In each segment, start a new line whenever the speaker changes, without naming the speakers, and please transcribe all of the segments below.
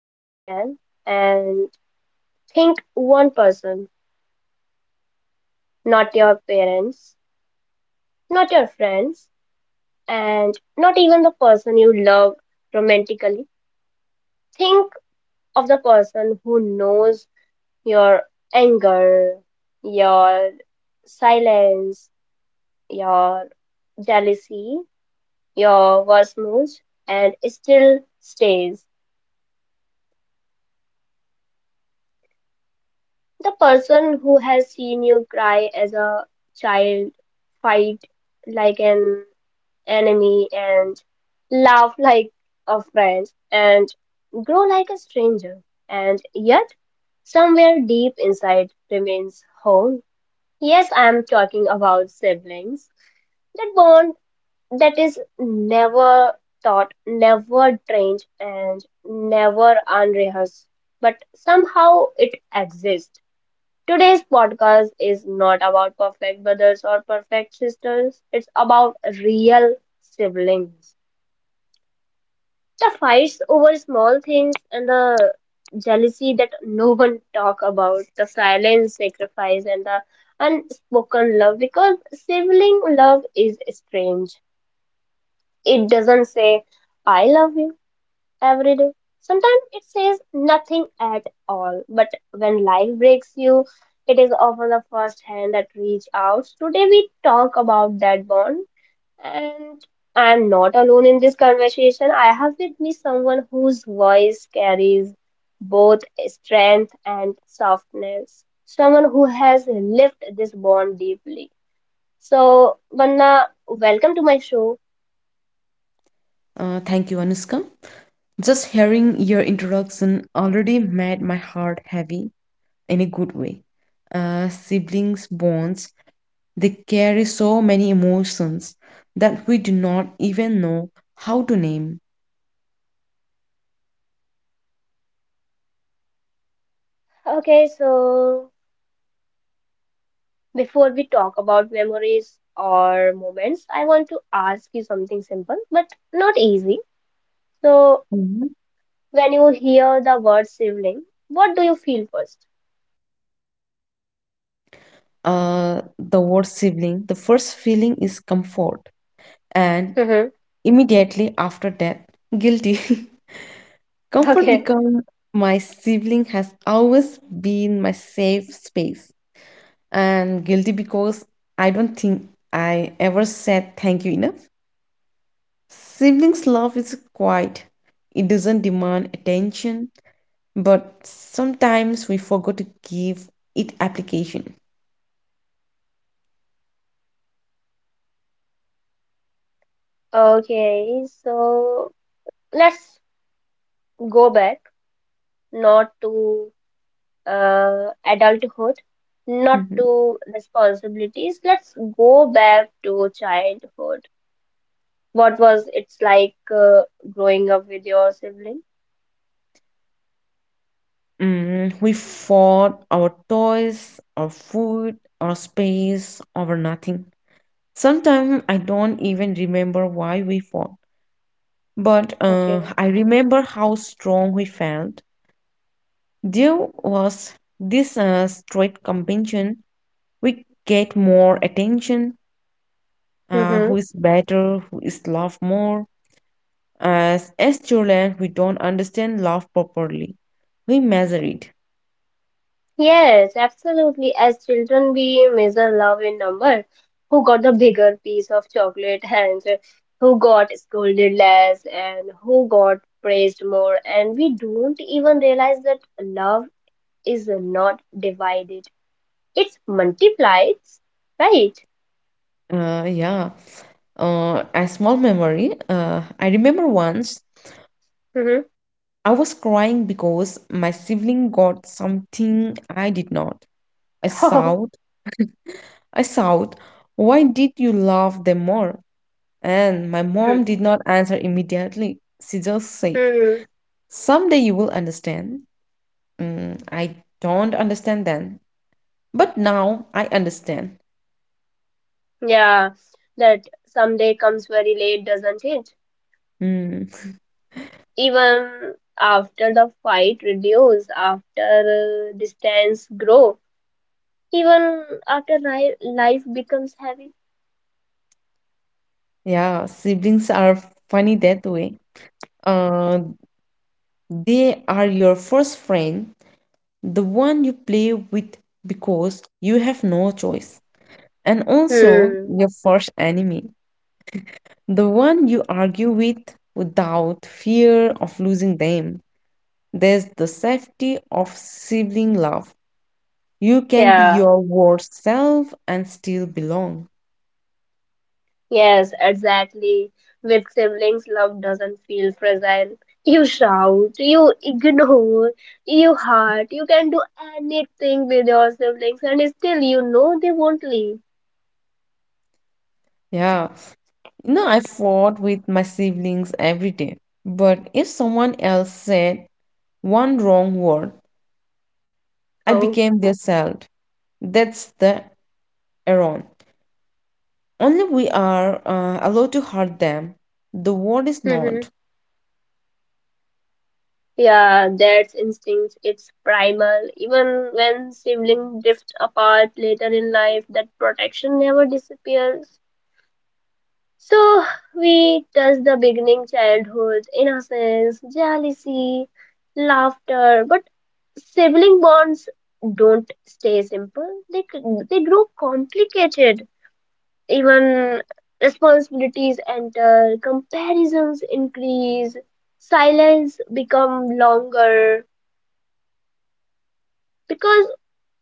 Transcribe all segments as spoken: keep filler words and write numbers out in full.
if you can and think one person, not your parents, not your friends, and not even the person you love romantically. Think of the person who knows your anger, your silence, your jealousy, your worst moods, and it still stays. The person who has seen you cry as a child, fight like an enemy, and laugh like a friend, and grow like a stranger, and yet somewhere deep inside remains home. Yes, I'm talking about siblings. That bond that is never taught, never trained, and never unrehearsed, but somehow it exists. Today's podcast is not about perfect brothers or perfect sisters, it's about real siblings. The fights over small things and the jealousy that no one talk about, the silent sacrifice and the unspoken love because sibling love is strange. It doesn't say I love you every day. Sometimes it says nothing at all. But when life breaks you, it is often the first hand that reach out. Today we talk about that bond and I'm not alone in this conversation. I have with me someone whose voice carries both strength and softness. Someone who has lived this bond deeply. So, Vanna, welcome to my show.
Uh, thank you, Anuska. Just hearing your introduction already made my heart heavy in a good way. Uh, siblings' bonds, they carry so many emotions that we do not even know how to name.
Okay, so before we talk about memories or moments, I want to ask you something simple but not easy. So,
Mhm.
when you hear the word sibling, what do you feel first?
Uh, the word sibling, the first feeling is comfort, and
Mm-hmm.
immediately after that, guilty. Comfort
Okay.
becomes my sibling has always been my safe space. And guilty because I don't think I ever said thank you enough. Siblings' love is quiet, it doesn't demand attention, but sometimes we forgot to give it application.
Okay, so let's go back, not to uh, adulthood, not
Mhm.
to responsibilities. Let's go back to childhood. What was it's like uh, growing up with your sibling?
Mm, we fought our toys, our food, our space, over nothing. Sometimes I don't even remember why we fought, but uh,
Okay.
I remember how strong we felt. There was this uh, straight competition. We get more attention. Uh, who is better? Who is loved more? As as children, we don't understand love properly. We measure it.
Yes, absolutely. As children, we measure love in numbers. Who got the bigger piece of chocolate and who got scolded less and who got praised more. And we don't even realize that love is not divided. It's multiplied, right?
Uh, yeah. Uh, a small memory. Uh, I remember once
Mm-hmm.
I was crying because my sibling got something I did not. I shout, I shout, why did you love them more? And my mom did not answer immediately. She just said,
Hmm.
someday you will understand. Mm, I don't understand then, but now I understand.
Yeah, that someday comes very late, doesn't it?
Mm,
Even after the fight reduce, after uh, distance grow even after ni- life becomes heavy.
yeah, siblings are funny that way. Uh, They are your first friend, the one you play with because you have no choice, and also
Hmm.
your first enemy, the one you argue with without fear of losing them. There's the safety of sibling love. You can be
Yeah.
your worst self and still belong.
Yes, exactly. With siblings, love doesn't feel fragile. You shout, you ignore, you hurt, you can do anything with your siblings, and still you know they won't leave.
Yeah. You know, I fought with my siblings every day. But if someone else said one wrong word, I
Oh.
became their child. That's the Iran. Only we are uh, allowed to hurt them. The world is
Hmm.
not.
Yeah, that's instinct. It's primal. Even when siblings drift apart later in life, that protection never disappears. So we touch the beginning childhood, innocence, jealousy, laughter, but sibling bonds don't stay simple. They c- they grow complicated. Even responsibilities enter, comparisons increase, silence become longer because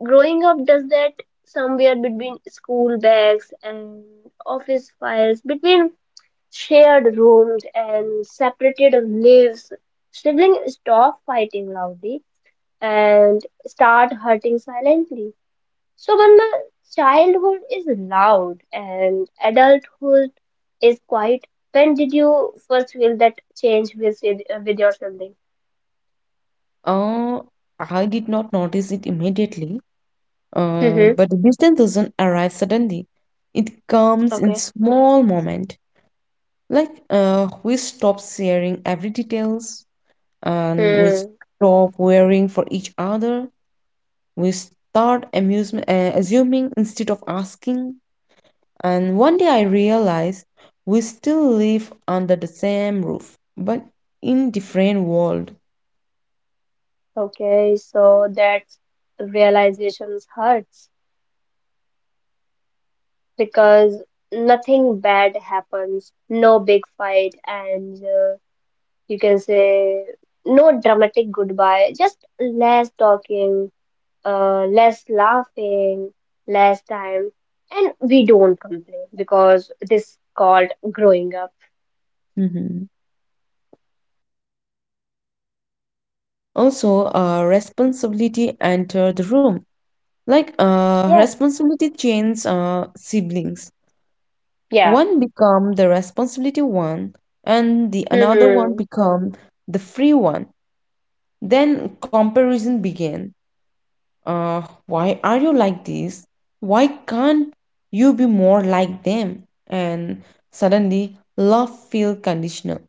growing up does that somewhere between school bags and office files between shared rooms and separated lives. Siblings stop fighting loudly and start hurting silently. So when the childhood is loud and adulthood is quiet, when did you first feel that change with sid- uh, with your sibling?
Uh, I did not notice it immediately, uh,
Mm-hmm.
but the distance doesn't arrive suddenly. It comes in
Okay.
small moment. Like uh, we stop sharing every details, and we
Hmm.
stop worrying for each other. We start amusement, uh, assuming instead of asking. And one day I realized we still live under the same roof, but in different world.
Okay. So that realizations hurts because nothing bad happens, no big fight, and uh, you can say no dramatic goodbye, just less talking, uh, less laughing, less time, and we don't complain because this called growing up.
Hmm. Also, uh, responsibility entered the room. Like uh,
Yeah,
responsibility changed uh, siblings.
yeah.
One become the responsibility one, and the another one
Hmm.
become the free one. Then comparison began. Uh, why are you like this? Why can't you be more like them? And suddenly, love feel conditional.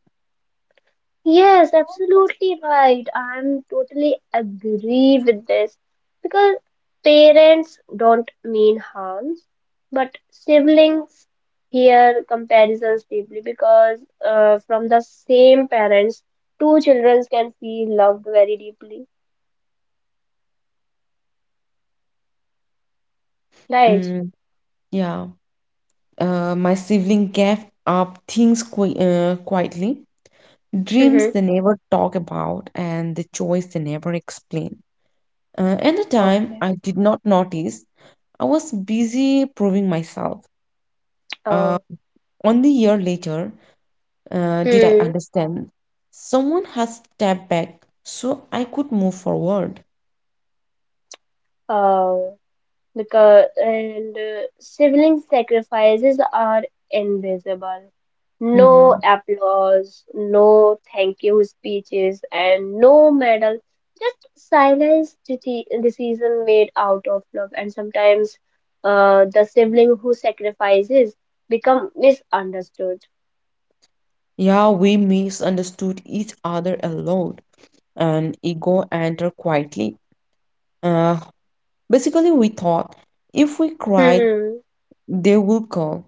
Yes, absolutely right. I'm totally agree with this because parents don't mean harms, but siblings hear comparisons deeply because uh, from the same parents, two children can feel loved very deeply. Right.
Mm, yeah. Uh, my sibling gave up things qui- uh, quietly,
Mm-hmm.
dreams they never talk about, and the choice they never explain. Uh, at the time,
Okay.
I did not notice. I was busy proving myself. Uh,
Oh.
Only a year later, uh, did I
Hmm.
understand? Someone has stepped back so I could move forward.
Oh. Because and uh, sibling sacrifices are invisible. No
Mhm.
applause, no thank you speeches, and no medal. Just silence deci- decision made out of love. And sometimes uh, the sibling who sacrifices become misunderstood.
Yeah, we misunderstood each other a lot, and ego entered quietly. Uh, Basically, we thought if we cried,
Hmm.
they will call.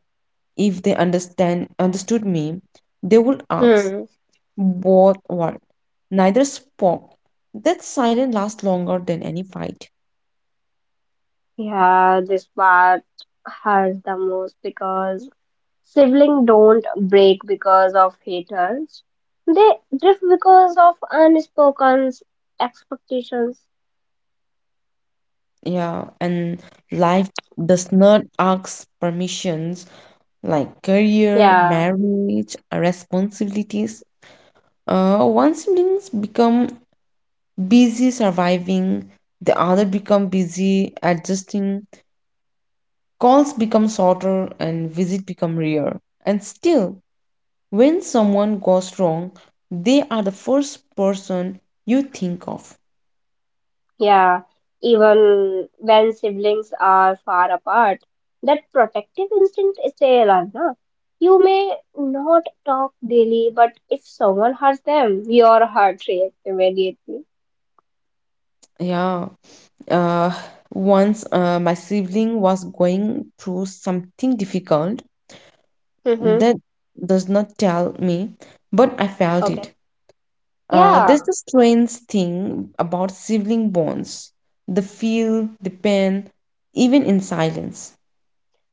If they understand understood me, they will ask.
Hmm.
Both were. Neither spoke. That silence lasts longer than any fight.
Yeah, this part hurts the most because siblings don't break because of haters. They drift because of unspoken expectations.
Yeah, and life does not ask permissions like career,
Yeah,
marriage, responsibilities. Uh, one siblings become busy surviving, the other become busy adjusting. Calls become shorter and visit become rare. And still, when someone goes wrong, they are the first person you think of.
yeah. Even when siblings are far apart, that protective instinct stays alive. Na? You may not talk daily, but if someone hurts them, your heart reacts immediately.
Yeah. Uh, once uh, my sibling was going through something difficult
Mm-hmm.
that does not tell me, but I felt
Okay.
it. Uh, there's
Yeah.
the strange thing about sibling bonds, the feel, the pain, even in silence.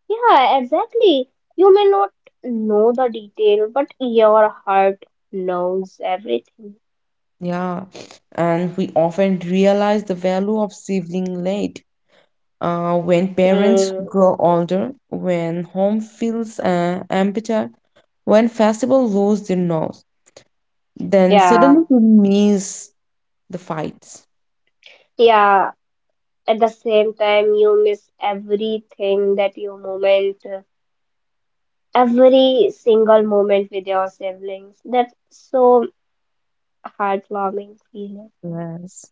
Yeah, exactly. You may not know the detail, but your heart knows everything.
Yeah. And we often realize the value of sibling late. Uh, when parents
Hmm.
grow older, when home feels uh, emptier, when festival lose their noise. Then suddenly
Yeah,
you miss the fights.
yeah. At the same time, you miss everything that you moment, every single moment with your siblings. That's so heartwarming feeling.
Yes.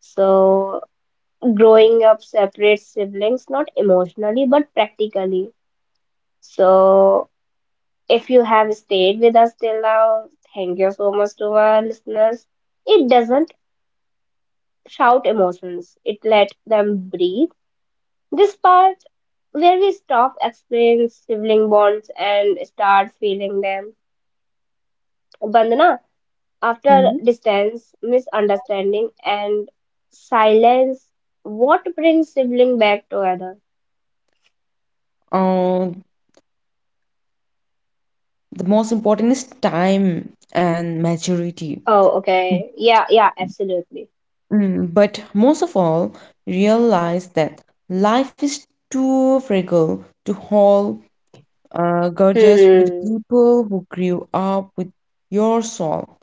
So, growing up separates siblings, not emotionally, but practically. So, if you have stayed with us till now, thank you so much to our listeners. It doesn't shout emotions, it let them breathe. This part where we stop explaining sibling bonds and start feeling them. Bandana, after
Mm-hmm.
distance, misunderstanding, and silence, what brings sibling back together?
Uh, the most important is time and maturity.
Oh, okay. Yeah, yeah, absolutely.
Mm, but most of all, realize that life is too fragile to hold uh, grudges with
Hmm.
people who grew up with your soul.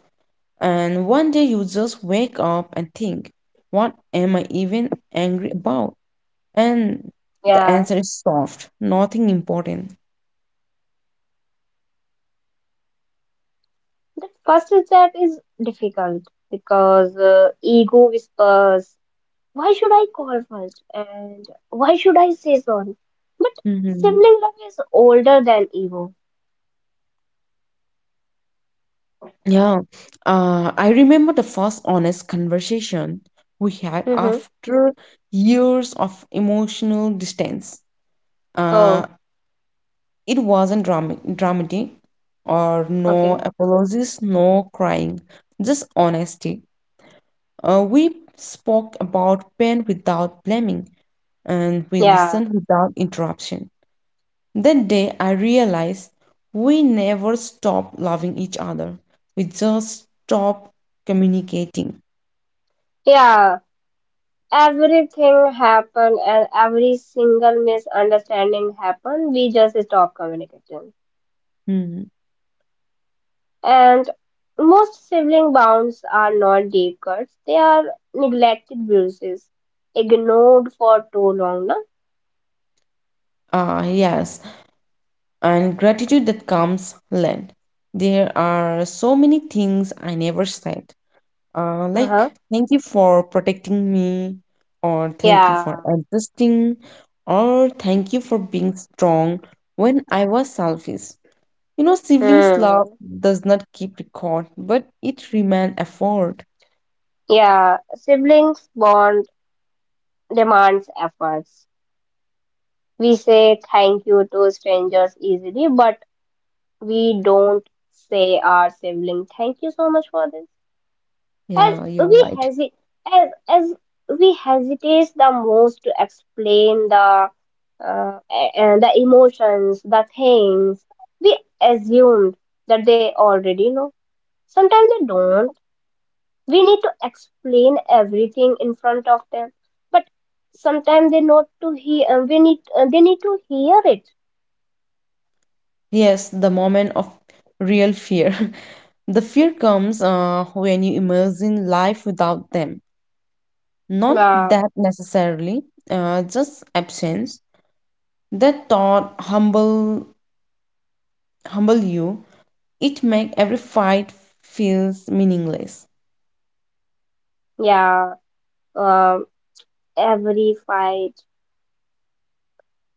And one day you just wake up and think, what am I even angry about? And the
Yeah.
answer is soft, nothing important.
The first step is difficult because uh, ego whispers, why should I call first and why should I say sorry? But
Hmm.
sibling love is older than ego.
Yeah. Uh, I remember the first honest conversation we had
Mm-hmm.
after years of emotional distance. Uh,
Oh,
It wasn't dram- dramatic or no
okay.
apologies, no crying, just honesty. Uh, we spoke about pain without blaming and we
Yeah.
listened without interruption. That day, I realized we never stopped loving each other, we just stopped communicating.
Yeah. Everything happened and every single misunderstanding happened. We just stopped communicating.
Hmm.
And most sibling bonds are not deep cuts, they are neglected bruises, ignored for too long. No?
Ah, yes, and gratitude that comes late. There are so many things I never said uh,
Uh-huh.
like thank you for protecting me or thank you for
Yeah.
adjusting or thank you for being strong when I was selfish. You know, siblings love
Hmm.
does not keep record but it remain effort.
Yeah. Siblings bond demands efforts. We say thank you to strangers easily, but we don't say our sibling thank you so much for this. As
Yeah, you're
we
right.
hesitate, as, as we hesitate the most to explain the uh, and the emotions, the things we assumed that they already know. Sometimes they don't. We need to explain everything in front of them, but sometimes they not to hear. Uh, We need uh, they need to hear it.
Yes, the moment of real fear. The fear comes uh, when you imagine life without them, not
Uh,
that necessarily, uh, just absence. That thought humble humble you, it make every fight feels meaningless.
yeah. Um, every fight.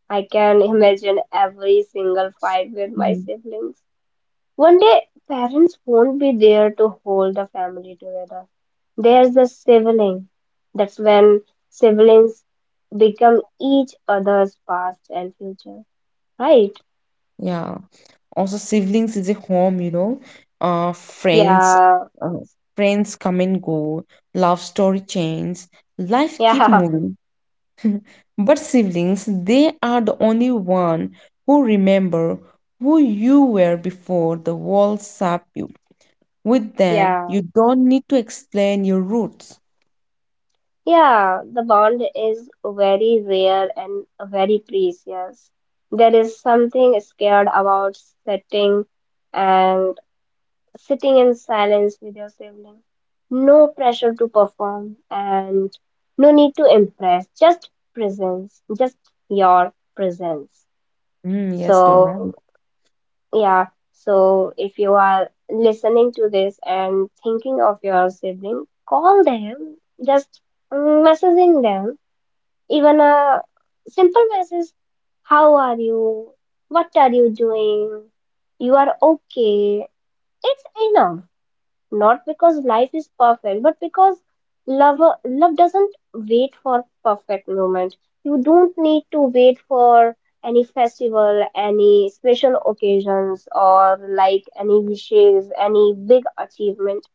I can imagine every single fight with my
Mhm.
siblings. One day, parents won't be there to hold the family together. There's the sibling. That's when siblings become each other's past and future. Right?
Yeah. Also, siblings is a home, you know. Uh, friends,
Yeah,
uh, friends come and go. Love story changes. Life keep
yeah,
moving. But siblings, they are the only one who remember who you were before the world sapped you. With them,
yeah,
you don't need to explain your roots.
yeah. The bond is very rare and very precious. There is something scared about setting and sitting in silence with your sibling. No pressure to perform and no need to impress, just presence, just your presence.
Mm, yes, you're right.
So, yeah, so if you are listening to this and thinking of your sibling, call them, just mm, messaging them. Even a simple message, how are you? What are you doing? You are okay. It's enough not because life is perfect, but because love love doesn't wait for perfect moment. You don't need to wait for any festival, any special occasions, or like any wishes, any big achievement.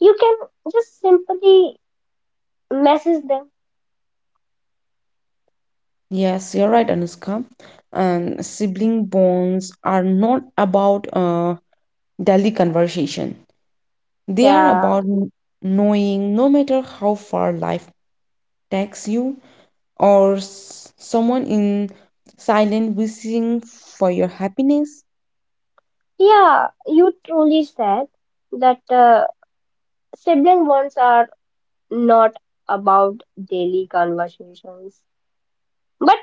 You can just simply message them.
Yes, you're right, Anushka. And sibling bonds are not about uh, daily conversation. They are
Yeah,
about kn- knowing no matter how far life takes you or s- someone in silent wishing for your happiness.
yeah. You truly said that uh, sibling bonds are not about daily conversations. But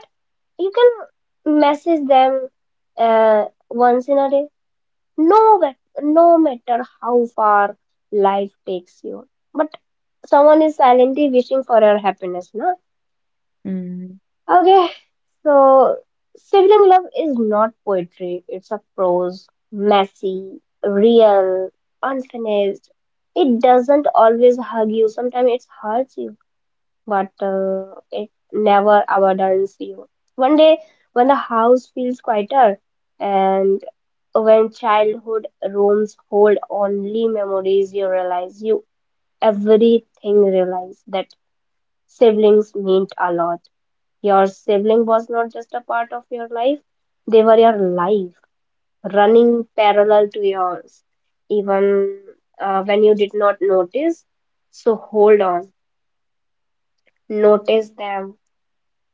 you can message them uh, once in a day no mat- no matter how far life takes you but someone is silently wishing for your happiness, no?
Mm-hmm.
Okay, so sibling love is not poetry, it's a prose, messy, real, unfinished. It doesn't always hug you, sometimes it hurts you, but uh, it never abandons you. One day, when the house feels quieter and when childhood rooms hold only memories, you realize you everything realize that siblings meant a lot. Your sibling was not just a part of your life, they were your life, running parallel to yours, even uh, when you did not notice. So hold on, notice them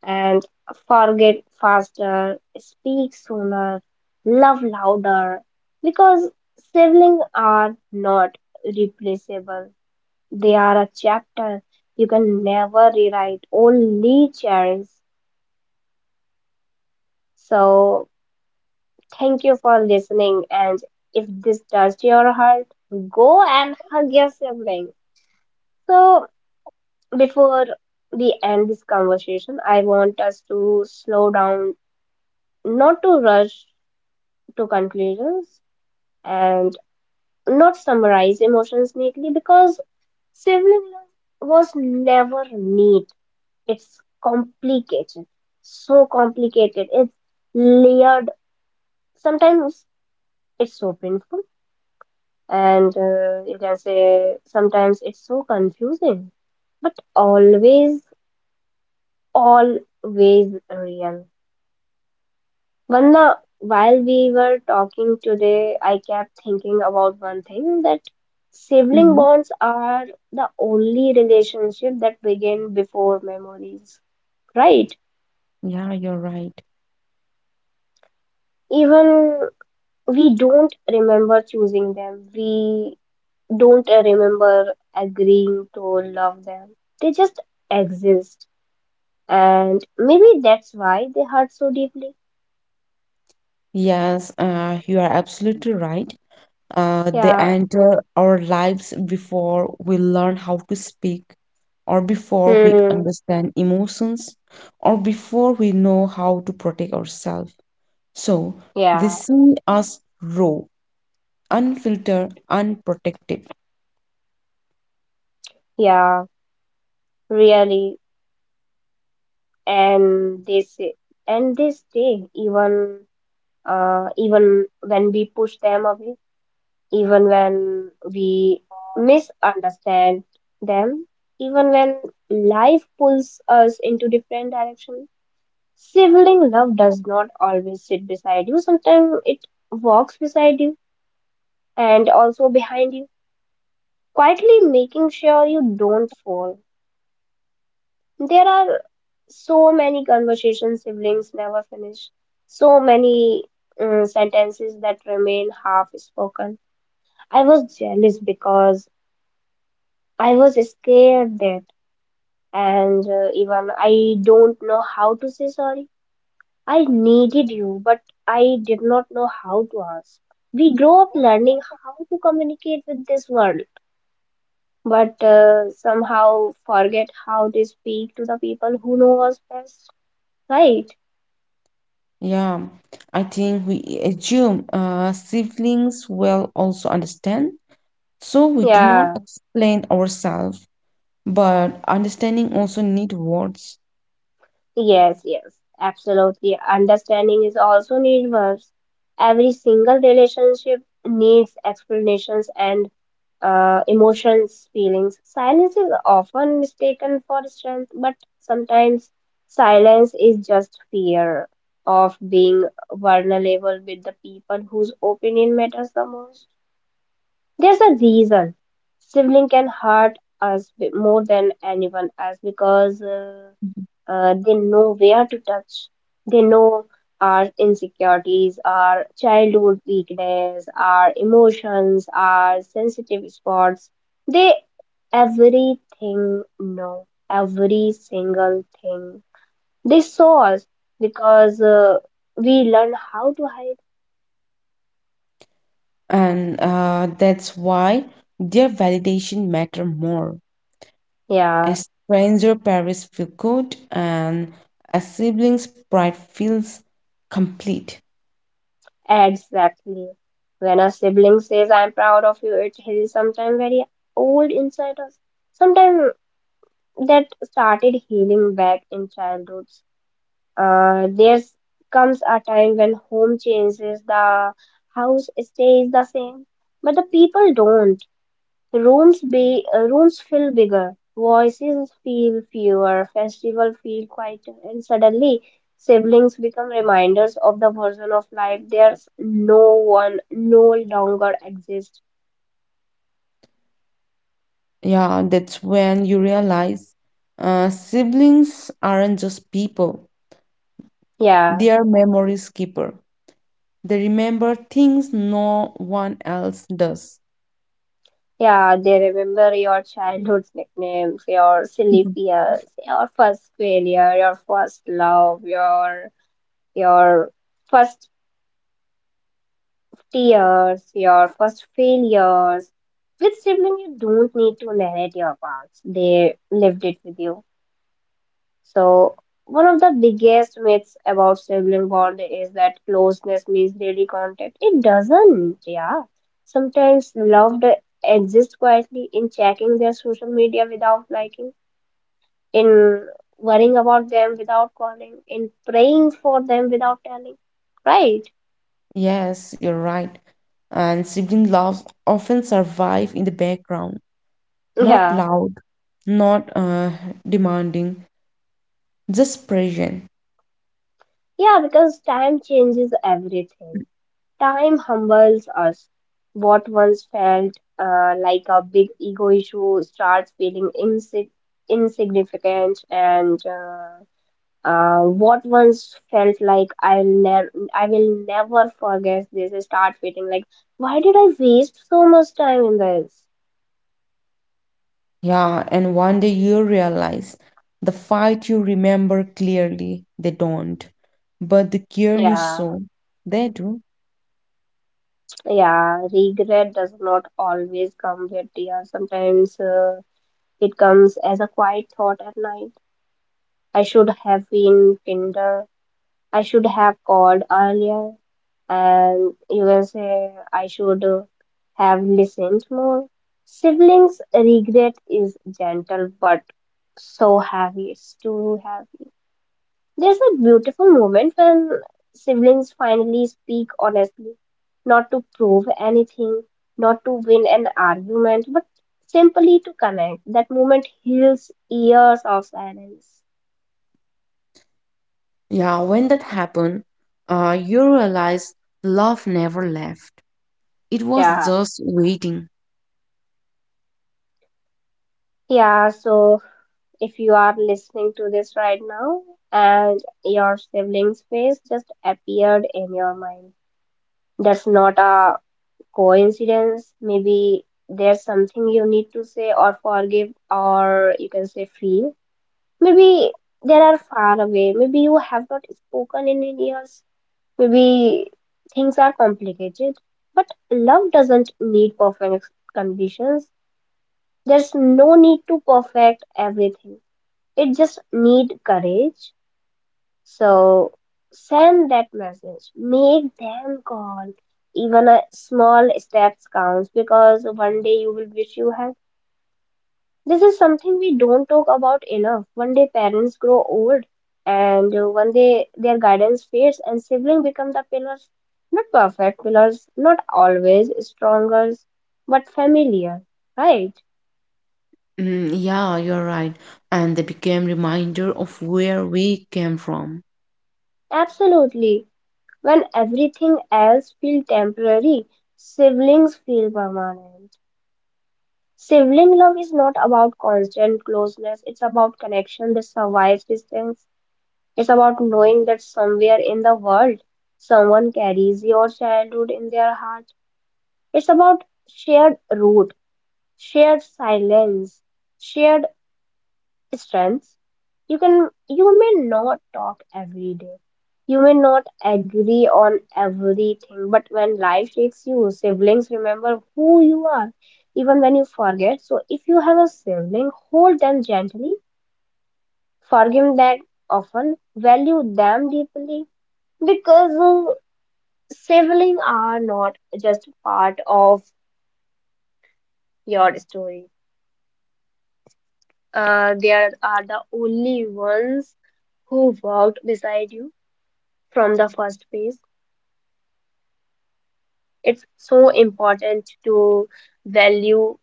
and forget faster, speak sooner, love louder because siblings are not replaceable. They are a chapter you can never rewrite, only cherish. So, thank you for listening. And if this touched your heart, go and hug your sibling. So, before we end this conversation, I want us to slow down, not to rush to conclusions and not summarize emotions neatly because sibling love was never neat. It's complicated, so complicated. It's layered. Sometimes it's so painful, and uh, you can say sometimes it's so confusing, but always, always real. Vandana, while we were talking today, I kept thinking about one thing that sibling
Mm-hmm.
bonds are the only relationship that begin before memories, right?
Yeah, you're right.
Even we don't remember choosing them, we don't remember agreeing to love them. They just exist, and maybe that's why they hurt so deeply.
Yes, uh, you are absolutely right. Uh, they
Yeah.
enter our lives before we learn how to speak, or before we
Hmm.
understand emotions, or before we know how to protect ourselves. So they
Yeah.
see us raw, unfiltered, unprotected.
Yeah. Really. And they say and they stay even uh, even when we push them away, even when we misunderstand them, even when life pulls us into different directions. Sibling love does not always sit beside you, sometimes it walks beside you and also behind you, quietly making sure you don't fall. There are so many conversations siblings never finish, so many mm, sentences that remain half spoken. I was jealous because I was scared that, and uh, even I don't know how to say sorry. I needed you, but I did not know how to ask. We grow up learning how to communicate with this world, but uh, somehow forget how to speak to the people who know us best, right?
Yeah, I think we assume uh, siblings will also understand. So we do not
Yeah.
explain ourselves, but understanding also need words.
Yes, yes, absolutely. Understanding is also need words. Every single relationship needs explanations and uh, emotions, feelings. Silence is often mistaken for strength, but sometimes silence is just fear of being vulnerable with the people whose opinion matters the most. There's a reason sibling can hurt us b- more than anyone else because. Uh, uh, they know where to touch. They know our insecurities, our childhood weakness, our emotions, our sensitive spots. They everything know, every single thing. They saw us because uh, we learn how to hide.
and uh, that's why their validation matter more. A
Yeah,
stranger parents feel good, and a sibling's pride feels complete.
exactly. When a sibling says, I'm proud of you, it is sometimes very old inside us. Sometimes that started healing back in childhoods. Uh, there comes a time when home changes, the house stays the same, but the people don't. The rooms be uh, rooms feel bigger, voices feel fewer, festival feel quieter, and suddenly siblings become reminders of the version of life there's no one no longer exists.
Yeah, that's when you realize uh, siblings aren't just people;
Yeah.
they are memories keeper. They remember things no one else does.
Yeah, they remember your childhood nicknames, your silly fears, your first failure, your first love, your your first tears, your first failures. With sibling, you don't need to narrate your past. They lived it with you. So, one of the biggest myths about sibling bond is that closeness means daily contact. It doesn't, yeah. Sometimes love d- exists quietly in checking their social media without liking, in worrying about them without calling, in praying for them without telling. Right?
Yes, you're right. And sibling loves often survive in the background. Not
Yeah.
loud, not uh, demanding, just present.
Yeah, because time changes everything. Time humbles us. What once felt uh, like a big ego issue starts feeling insig- insignificant, and uh, uh, what once felt like I'll never, I will never forget this, start feeling like, why did I waste so much time in this?
Yeah, and one day you realize the fight you remember clearly, they don't. But the care you
Yeah,
saw, they do.
yeah. Regret does not always come with tears. Sometimes uh, it comes as a quiet thought at night. I should have been kinder. I should have called earlier, and you will say I should uh, have listened more. Siblings' regret is gentle but so heavy, it's too heavy. There's a beautiful moment when siblings finally speak honestly, not to prove anything, not to win an argument, but simply to connect. That moment heals years of silence.
Yeah, when that happened, uh, you realize love never left. It was
Yeah,
just waiting.
yeah, so if you are listening to this right now and your sibling's face just appeared in your mind. That's not a coincidence. Maybe there's something you need to say or forgive, or you can say feel. Maybe they are far away. Maybe you have not spoken in years. Maybe things are complicated. But love doesn't need perfect conditions. There's no need to perfect everything. It just need courage. So send that message. Make them call. Even a small steps counts because one day you will wish you had. This is something we don't talk about enough. One day parents grow old, and uh, one day their guidance fades, and siblings become the pillars. Not perfect pillars, not always stronger, but familiar. Right?
Mm, yeah, you're right. And they became reminder of where we came from.
Absolutely. When everything else feels temporary, siblings feel permanent. Sibling love is not about constant closeness, it's about connection that survives distance. It's about knowing that somewhere in the world, someone carries your childhood in their heart. It's about shared root, shared silence, shared strengths. You can you may not talk every day, you may not agree on everything, but when life takes you, siblings remember who you are even when you forget. So if you have a sibling, hold them gently, forgive them often, value them deeply, because uh, siblings are not just part of your story. Uh, they are, are the only ones who walked beside you from the first place. It's so important to value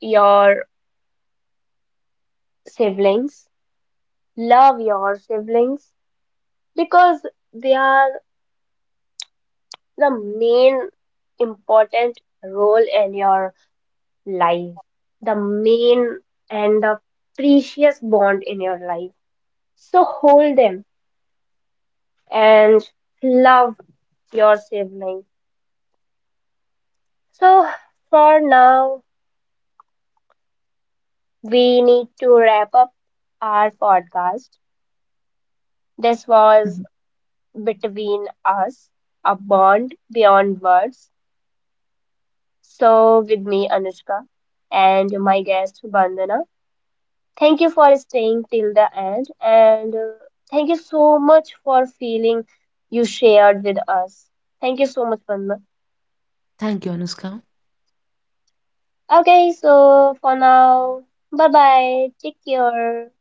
your siblings, love your siblings because they are the main important role in your life, the main and the precious bond in your life. So hold them and love your sibling. So for now, we need to wrap up our podcast. This was
Mhm.
between us, a bond beyond words. So, with me, Anushka, and my guest, Bandana. Thank you for staying till the end, and uh, thank you so much for feeling you shared with us. Thank you so much, Bandana.
Thank you, Anuska.
Okay, so for now, bye bye. Take care.